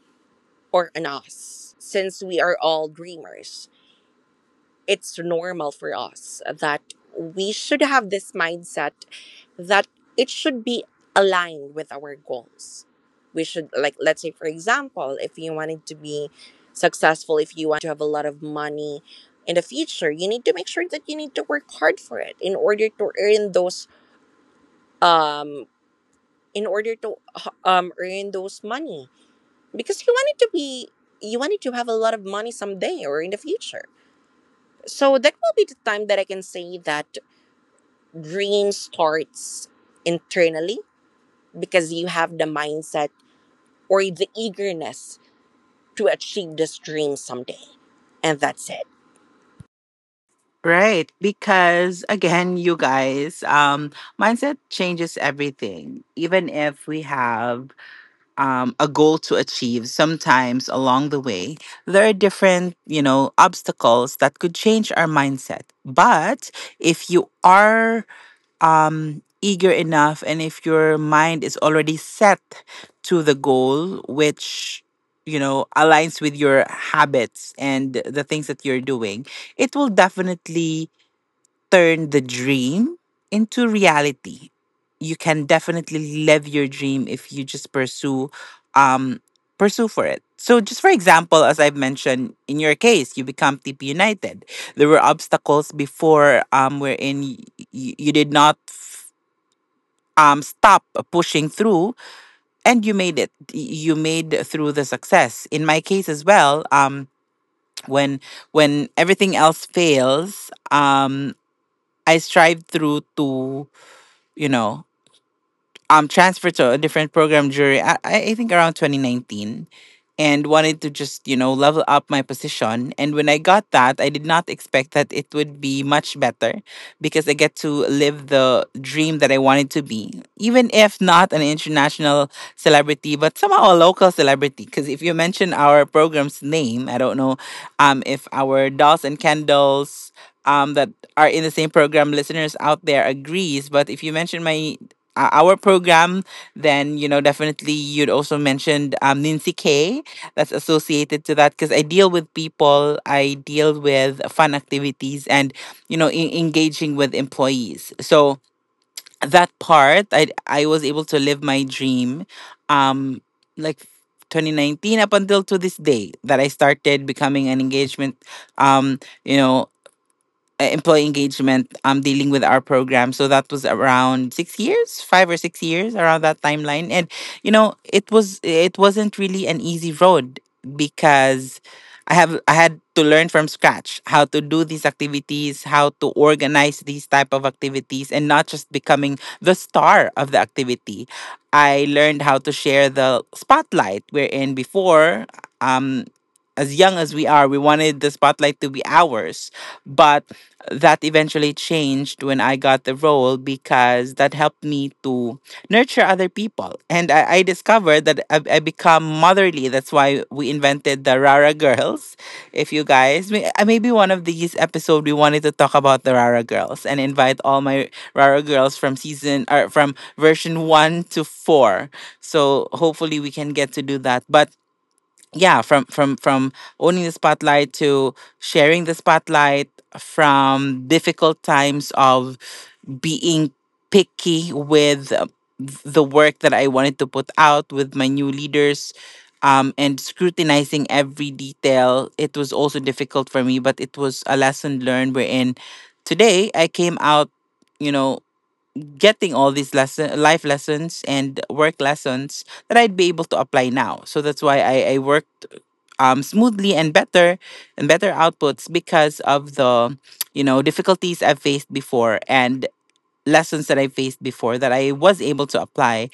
Speaker 3: or on us, since we are all dreamers. It's normal for us that we should have this mindset that it should be aligned with our goals. We should, like let's say for example, if you wanted to be successful, if you wanted to have a lot of money in the future, you need to make sure that you need to work hard for it in order to earn those um in order to earn those money, because you want it to be, you want it to have a lot of money someday or in the future. So that will be the time that I can say that dream starts internally, because you have the mindset or the eagerness to achieve this dream someday, and that's it.
Speaker 1: Right, because again, you guys, mindset changes everything. Even if we have, a goal to achieve, sometimes along the way, there are different, obstacles that could change our mindset. But if you are eager enough, and if your mind is already set to the goal, which, aligns with your habits and the things that you're doing, it will definitely turn the dream into reality. You can definitely live your dream if you just um pursue for it. So just for example, as I've mentioned, in your case, you become TP United. There were obstacles before, wherein you did not, stop pushing through, and you made it, you made through the success. In my case as well, when everything else fails, I strive through to, you know transferred to a different program during — I think around 2019, and wanted to just, level up my position. And when I got that, I did not expect that it would be much better, because I get to live the dream that I wanted to be, even if not an international celebrity, but somehow a local celebrity. Because if you mention our program's name, I don't know, if our dolls and candles, that are in the same program listeners out there, agrees. But if you mention my our program, then, definitely you'd also mentioned, Nancy K. That's associated to that, because I deal with people, I deal with fun activities, and, engaging with employees. So that part, I was able to live my dream, um, like 2019 up until to this day, that I started becoming an engagement, um, you know employee engagement, dealing with our program. So that was around 6 years, 5 or 6 years, around that timeline. And, it wasn't really an easy road, because I had to learn from scratch how to do these activities, how to organize these type of activities, and not just becoming the star of the activity. I learned how to share the spotlight, wherein before, um as young as we are, we wanted the spotlight to be ours. But that eventually changed when I got the role, because that helped me to nurture other people. And I discovered that I become motherly. That's why we invented the Rara Girls. If you guys, maybe one of these episodes we wanted to talk about the Rara Girls, and invite all my Rara Girls from season, or from version one to four. So hopefully we can get to do that. But yeah, from owning the spotlight to sharing the spotlight, from difficult times of being picky with, the work that I wanted to put out with my new leaders, and scrutinizing every detail. It was also difficult for me, but it was a lesson learned, wherein today I came out, you know getting all these lesson life lessons, and work lessons, that I'd be able to apply now. So that's why I worked, smoothly and better, and better outputs, because of the, difficulties I've faced before, and lessons that I faced before, that I was able to apply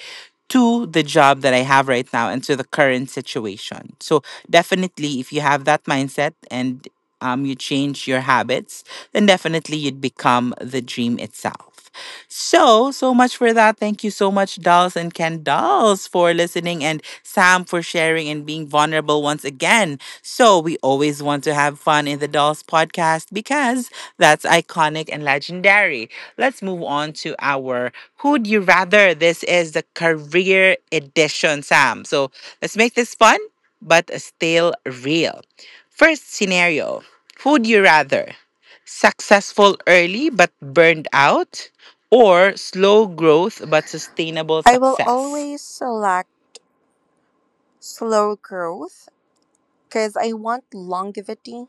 Speaker 1: to the job that I have right now, and to the current situation. So definitely, if you have that mindset, and, you change your habits, then definitely you'd become the dream itself. So, so much for that. Thank you so much, dolls and Ken dolls, for listening, and Sam, for sharing and being vulnerable once again. So, we always want to have fun in the Dolls podcast, because that's iconic and legendary. Let's move on to our Who'd You Rather? This is the career edition, Sam. So, let's make this fun but still real. First scenario: Who'd you rather? Successful early but burned out, or slow growth but sustainable
Speaker 3: I will
Speaker 1: success?
Speaker 3: always select slow growth because I want longevity.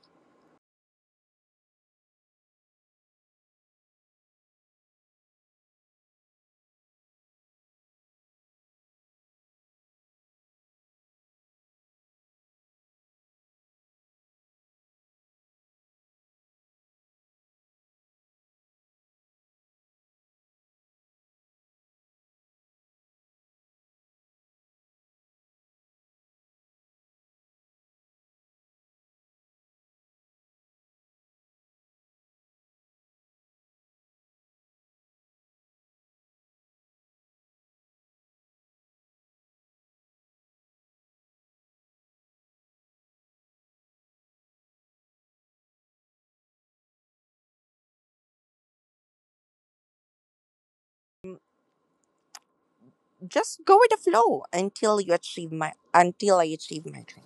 Speaker 4: Just go with the flow until I achieve my dream.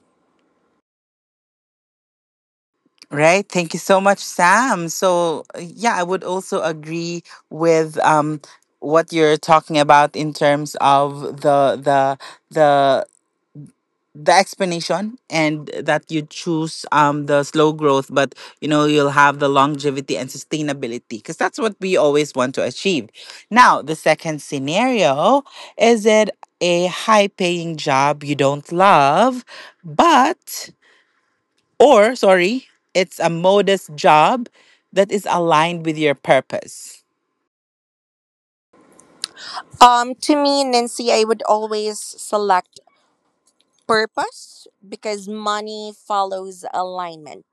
Speaker 1: Right. Thank you so much, Sam. So, yeah, I would also agree with, what you're talking about, in terms of the the explanation, and that you choose, the slow growth, but, you'll have the longevity and sustainability, because that's what we always want to achieve. Now, the second scenario, is it a high paying job you don't love, but or, sorry, it's a modest job that is aligned with your purpose.
Speaker 4: To me, Nancy, I would always select purpose because money follows alignment.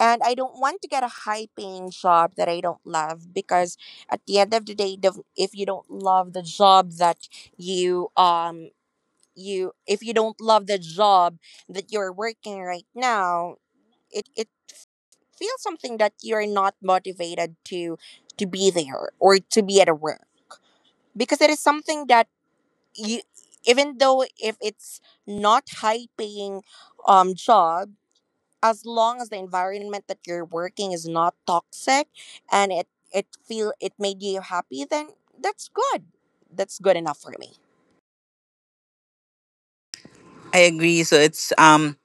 Speaker 4: And I don't want to get a high paying job that I don't love, because at the end of the day, if you don't love the job that you you if you don't love the job that you're working right now, it feels something that you're not motivated to be there or to be at a work, because it is something that you, even though if it's not high paying job, as long as the environment that you're working is not toxic and it made you happy, then that's good that's good enough for me.
Speaker 1: I agree. So it's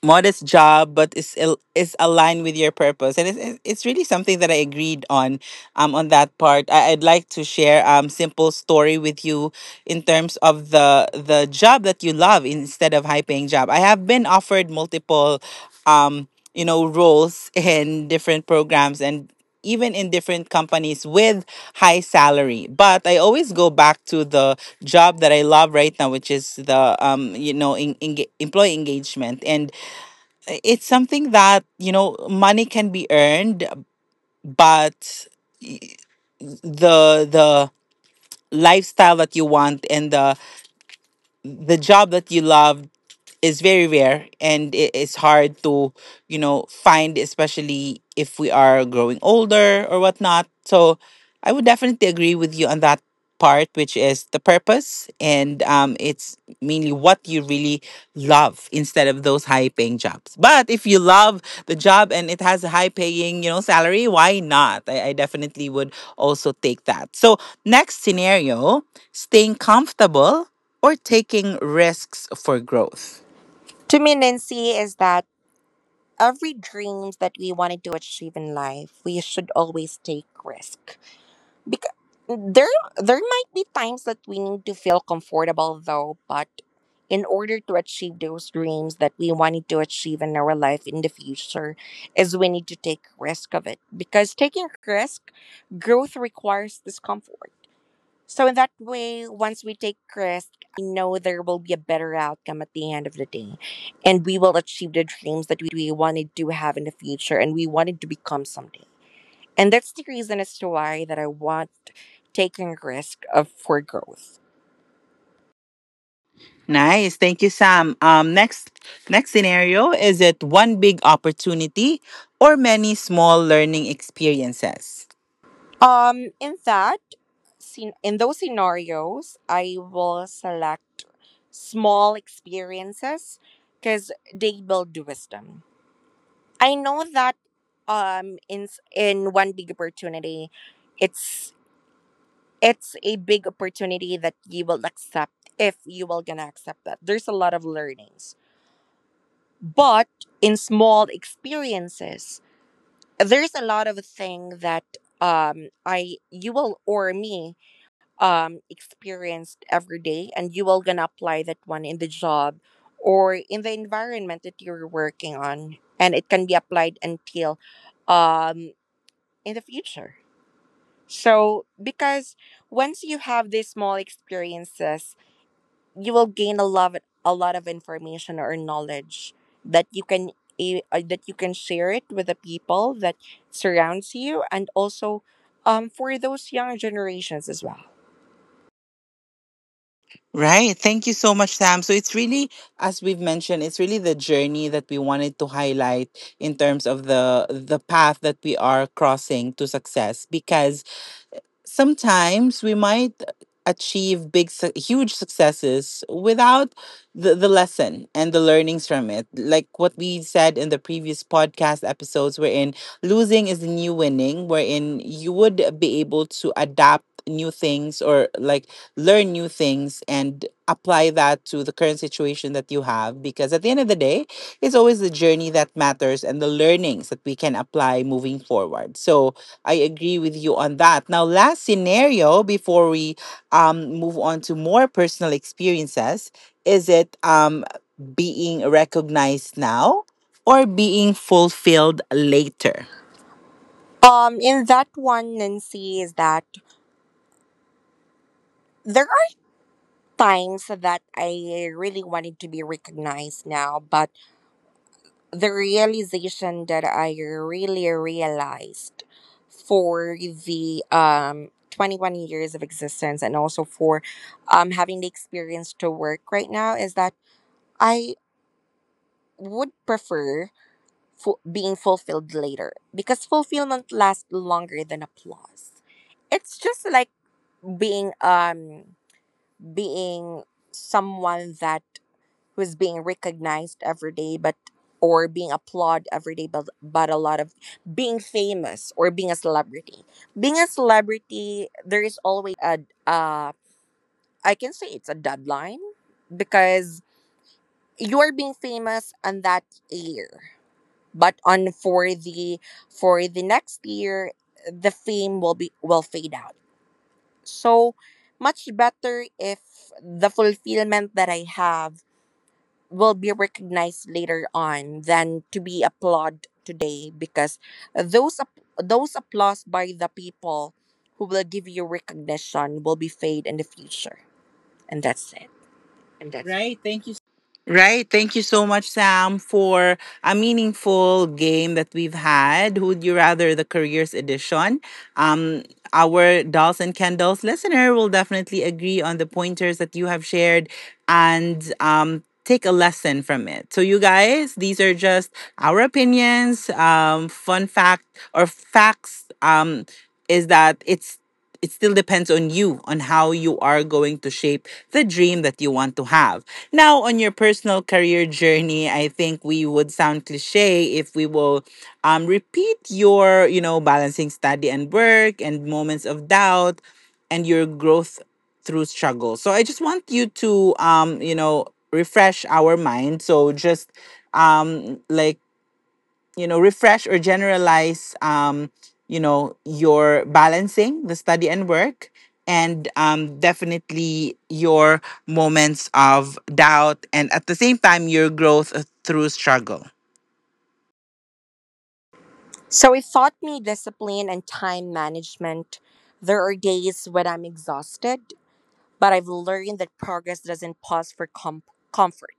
Speaker 1: modest job but is aligned with your purpose and it's really something that I agreed on that part. I'd like to share simple story with you in terms of the job that you love instead of high paying job. I have been offered multiple roles in different programs and even in different companies with high salary, but I always go back to the job that I love right now, which is the employee engagement. And it's something that money can be earned, but y- the lifestyle that you want and the job that you love is very rare and it is hard to find, especially if we are growing older or whatnot. So I would definitely agree with you on that part, which is the purpose, and it's mainly what you really love instead of those high paying jobs. But if you love the job and it has a high paying salary, why not? I definitely would also take that. So next scenario, staying comfortable or taking risks for growth.
Speaker 4: To me, Nancy, is that every dreams that we wanted to achieve in life, we should always take risk, because there there might be times that we need to feel comfortable though, but in order to achieve those dreams that we wanted to achieve in our life in the future is we need to take risk of it, because taking risk growth requires discomfort. So in that way, once we take risk, I know there will be a better outcome at the end of the day, and we will achieve the dreams that we wanted to have in the future and we wanted to become someday. And that's the reason as to why that I want taking risk of for growth.
Speaker 1: Nice. Thank you, Sam. Next scenario, is it one big opportunity or many small learning experiences?
Speaker 4: Um, in that, in those scenarios, I will select small experiences because they build wisdom. I know that in one big opportunity, it's it's a big opportunity that you will accept if you will gonna accept that. There's a lot of learnings, but in small experiences there's a lot of thing that I you will or me experienced every day, and you will gonna apply that one in the job or in the environment that you're working on, and it can be applied until um in the future. So because once you have these small experiences, you will gain a lot of information or knowledge that you can that you can share it with the people that surrounds you, and also for those young generations as well.
Speaker 1: Right. Thank you so much, Sam. So it's really, as we've mentioned, it's really the journey that we wanted to highlight in terms of the path that we are crossing to success. Because sometimes we might achieve huge successes without the lesson and the learnings from it, like what we said in the previous podcast episodes, wherein losing is the new winning, wherein you would be able to adapt new things or like learn new things and apply that to the current situation that you have, because at the end of the day it's always the journey that matters and the learnings that we can apply moving forward. So I agree with you on that. Now, last scenario before we move on to more personal experiences, is it being recognized now or being fulfilled later?
Speaker 4: In that one, Nancy, is that there are times that I really wanted to be recognized now, but the realization that I really realized for the 21 years of existence, and also for having the experience to work right now, is that I would prefer being fulfilled later because fulfillment lasts longer than applause. It's just like being um being someone that who's being recognized every day, but or being applauded every day, but a lot of being famous, or being a celebrity, there is always a uh I can say it's a deadline, because you're being famous on that year, but on for the next year the fame will fade out. So much better if the fulfillment that I have will be recognized later on than to be applauded today, because those applause by the people who will give you recognition will be fade in the future. And that's it. Right. Thank you.
Speaker 1: Right. Thank you so much, Sam, for a meaningful game that we've had. Who would you rather, the careers edition? Um, our dolls and candles listener will definitely agree on the pointers that you have shared and take a lesson from it. So you guys, these are just our opinions. Fun fact or facts is that it still depends on you on how you are going to shape the dream that you want to have. Now, on your personal career journey, I think we would sound cliche if we will repeat your, balancing study and work and moments of doubt and your growth through struggle. So I just want you to, refresh our mind. So just like refresh or generalize your balancing the study and work and definitely your moments of doubt and at the same time your growth through struggle.
Speaker 4: So it taught me discipline and time management. There are days when I'm exhausted, but I've learned that progress doesn't pause for comfort.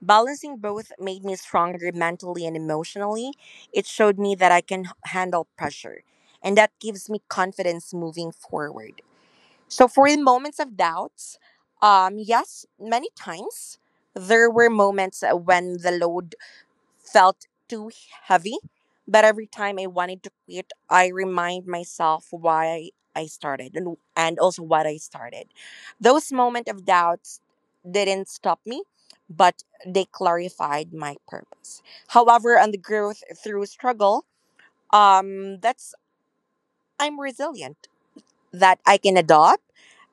Speaker 4: Balancing both made me stronger mentally and emotionally. It showed me that I can handle pressure, and that gives me confidence moving forward. So, for the moments of doubts, yes, many times there were moments when the load felt too heavy. But every time I wanted to quit, I remind myself why I started, and also what I started. Those moments of doubts didn't stop me, but they clarified my purpose. However, on the growth through struggle, that's I'm resilient that I can adopt,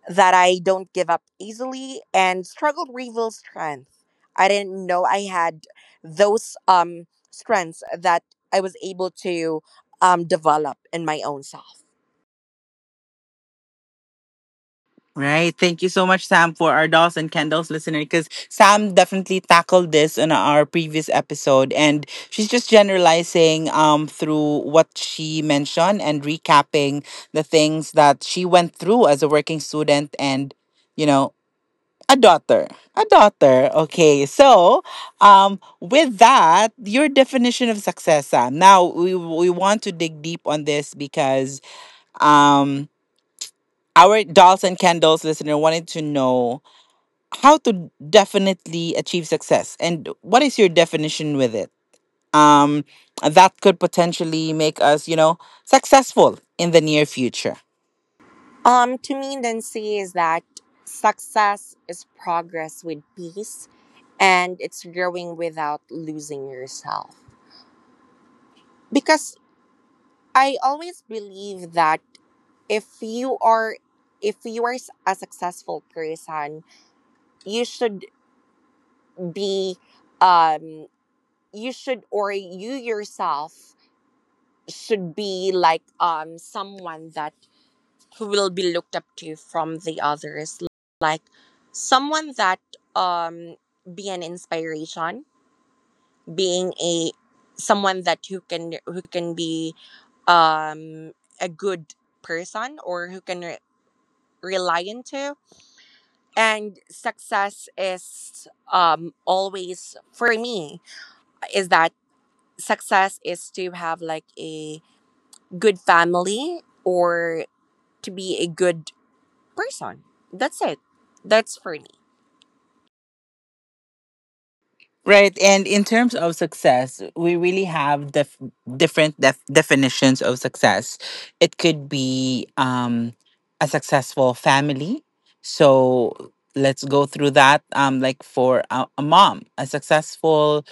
Speaker 4: that I don't give up easily, and struggle reveals strength. I didn't know I had those strengths that I was able to develop in my own self.
Speaker 1: Right. Thank you so much, Sam. For our dolls and candles listener, because Sam definitely tackled this in our previous episode, and she's just generalizing through what she mentioned and recapping the things that she went through as a working student and you know a daughter, a daughter. Okay, so with that, your definition of success, Sam. Now, we want to dig deep on this because um. Our dolls and candles listener wanted to know how to definitely achieve success, and what is your definition with it um that could potentially make us successful in the near future,
Speaker 4: To me, Nancy, is that success is progress with peace, and it's growing without losing yourself. Because I always believe that if you are if you are a successful person, you should be um you should, or you yourself should be like someone that who will be looked up to from the others, like someone that um be an inspiration, being a someone that who can be um a good person, or who can rely into. And success is always for me is that success is to have like a good family or to be a good person. That's it. That's for me.
Speaker 1: right? And in terms of success, we really have different definitions of success. It could be a successful family, so let's go through that. Like for a mom, a successful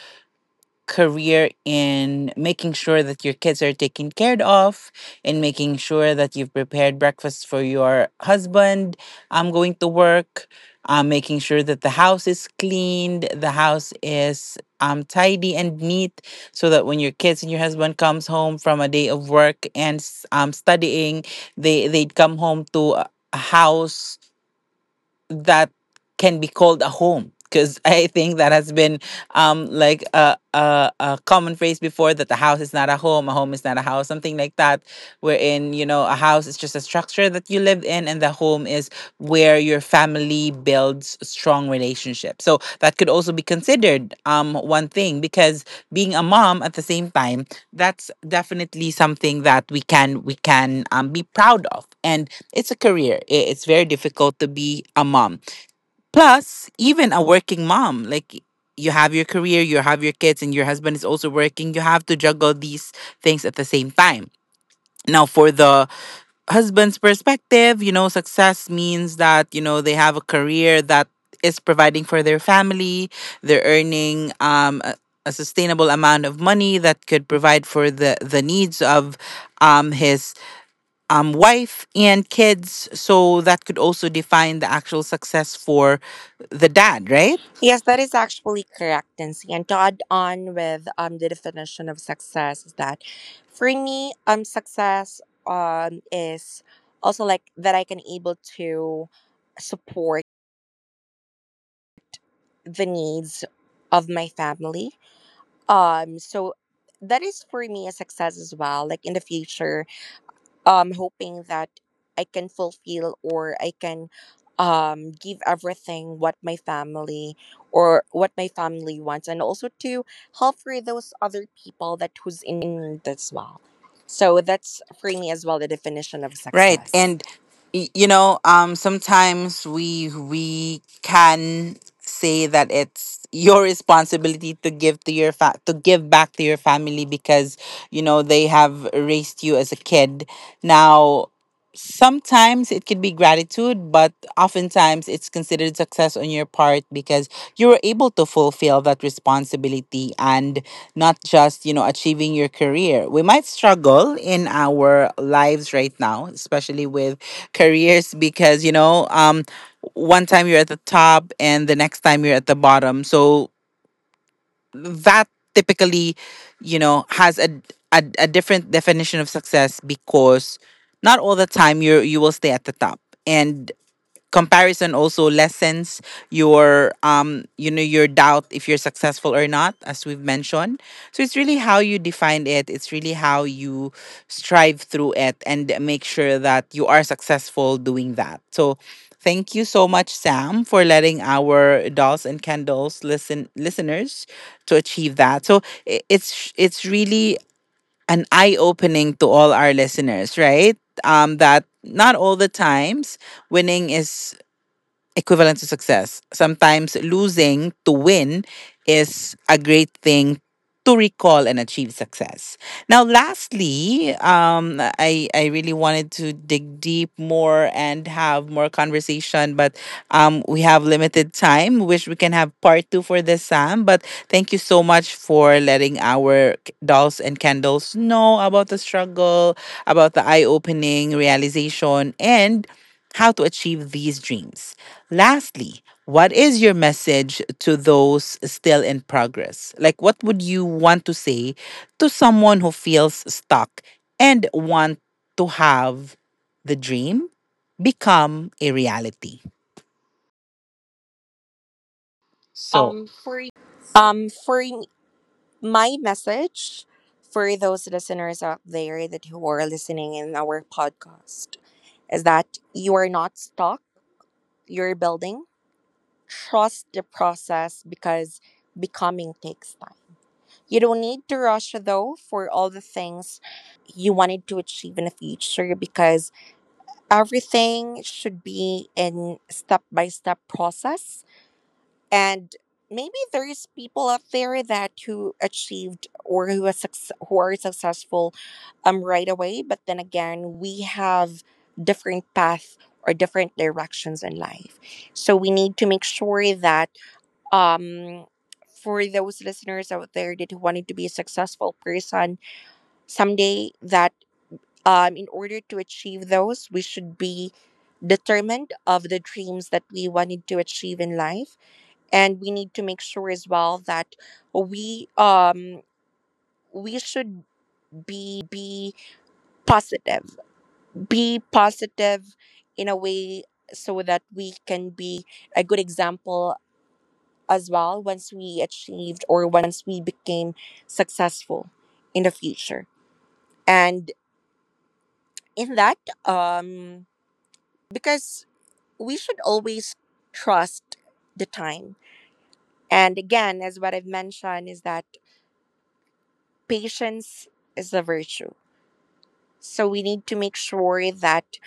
Speaker 1: career in making sure that your kids are taken care of, in making sure that you've prepared breakfast for your husband, I'm going to work, making sure that the house is cleaned, the house is tidy and neat, so that when your kids and your husband comes home from a day of work and studying, they'd come home to a house that can be called a home, because I think that has been like a common phrase before, that the house is not a home, a home is not a house, something like that, wherein a house is just a structure that you live in and the home is where your family builds strong relationships. So that could also be considered one thing, because being a mom at the same time, that's definitely something that we can be proud of, and it's a career. It's very difficult to be a mom. Plus, even a working mom, like you have your career, you have your kids, and your husband is also working. You have to juggle these things at the same time. Now, for the husband's perspective, success means that, they have a career that is providing for their family, they're earning a sustainable amount of money that could provide for the needs of his wife and kids. So that could also define the actual success for the dad, right?
Speaker 4: Yes, that is actually correct, Nancy. And to add on with the definition of success is that for me, success is also like that I can able to support the needs of my family. So that is for me a success as well. Like in the future, hoping that I can fulfill, or I can give everything what my family or what my family wants, and also to help for those other people that who's in need as well. So that's for me as well the definition of
Speaker 1: Right.
Speaker 4: success.
Speaker 1: And sometimes we can say that it's your responsibility to give to your to give back to your family, because they have raised you as a kid. Now, sometimes it could be gratitude, but oftentimes it's considered success on your part because you were able to fulfill that responsibility and not just achieving your career. We might struggle in our lives right now, especially with careers, because one time you're at the top and the next time you're at the bottom. So that typically has a different definition of success, because not all the time you will stay at the top. And comparison also lessens your doubt if you're successful or not, as we've mentioned. So it's really how you define it, it's really how you strive through it and make sure that you are successful doing that. So thank you so much, Sam, for letting our dolls and candles listeners to achieve that. So it's really an eye opening to all our listeners, right? That not all the times winning is equivalent to success. Sometimes losing to win is a great thing to recall and achieve success. Now, lastly, I really wanted to dig deep more and have more conversation, but we have limited time. Wish we can have part two for this, Sam. But thank you so much for letting our dolls and candles know about the struggle, about the eye opening realization, and how to achieve these dreams. Lastly, what is your message to those still in progress? Like, what would you want to say to someone who feels stuck and want to have the dream become a reality? So, for
Speaker 4: For my message for those listeners out there that who are listening in our podcast is that you are not stuck, you're building. Trust the process because becoming takes time. You don't need to rush though for all the things that you wanted to achieve in the future, because everything should be in step by step process. And maybe there is people out there that who achieved or who are who are successful right away, but then again, we have different path or different directions in life. So we need to make sure that um for those listeners out there that wanted to be a successful person someday, that in order to achieve those, we should be determined of the dreams that we wanted to achieve in life. And we need to make sure as well that we um we should be positive, be positive in a way, so that we can be a good example as well once we achieved or once we became successful in the future. And in that, um, because we should always trust the time. And again, as what I've mentioned, is that patience is a virtue. So we need to make sure that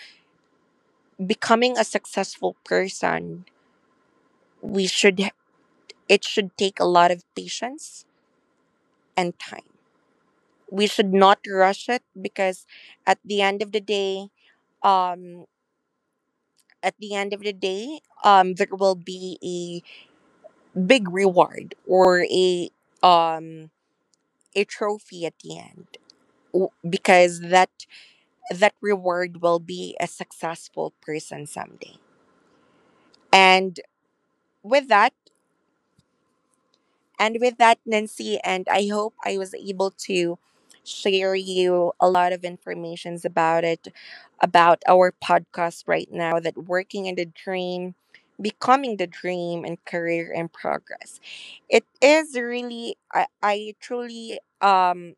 Speaker 4: becoming a successful person, we should it should take a lot of patience and time. We should not rush it, because at the end of the day um at the end of the day there will be a big reward or um a trophy at the end. Because that reward will be a successful person someday. And with that And with that, Nancy, and I hope I was able to share you a lot of informations about it, about our podcast right now, that working in the dream, becoming the dream, and career in progress. It is really, I, I truly, um,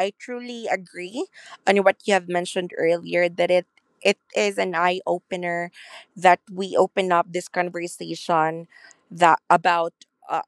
Speaker 4: I truly agree on what you have mentioned earlier, that it is an eye opener that we open up this conversation that about uh,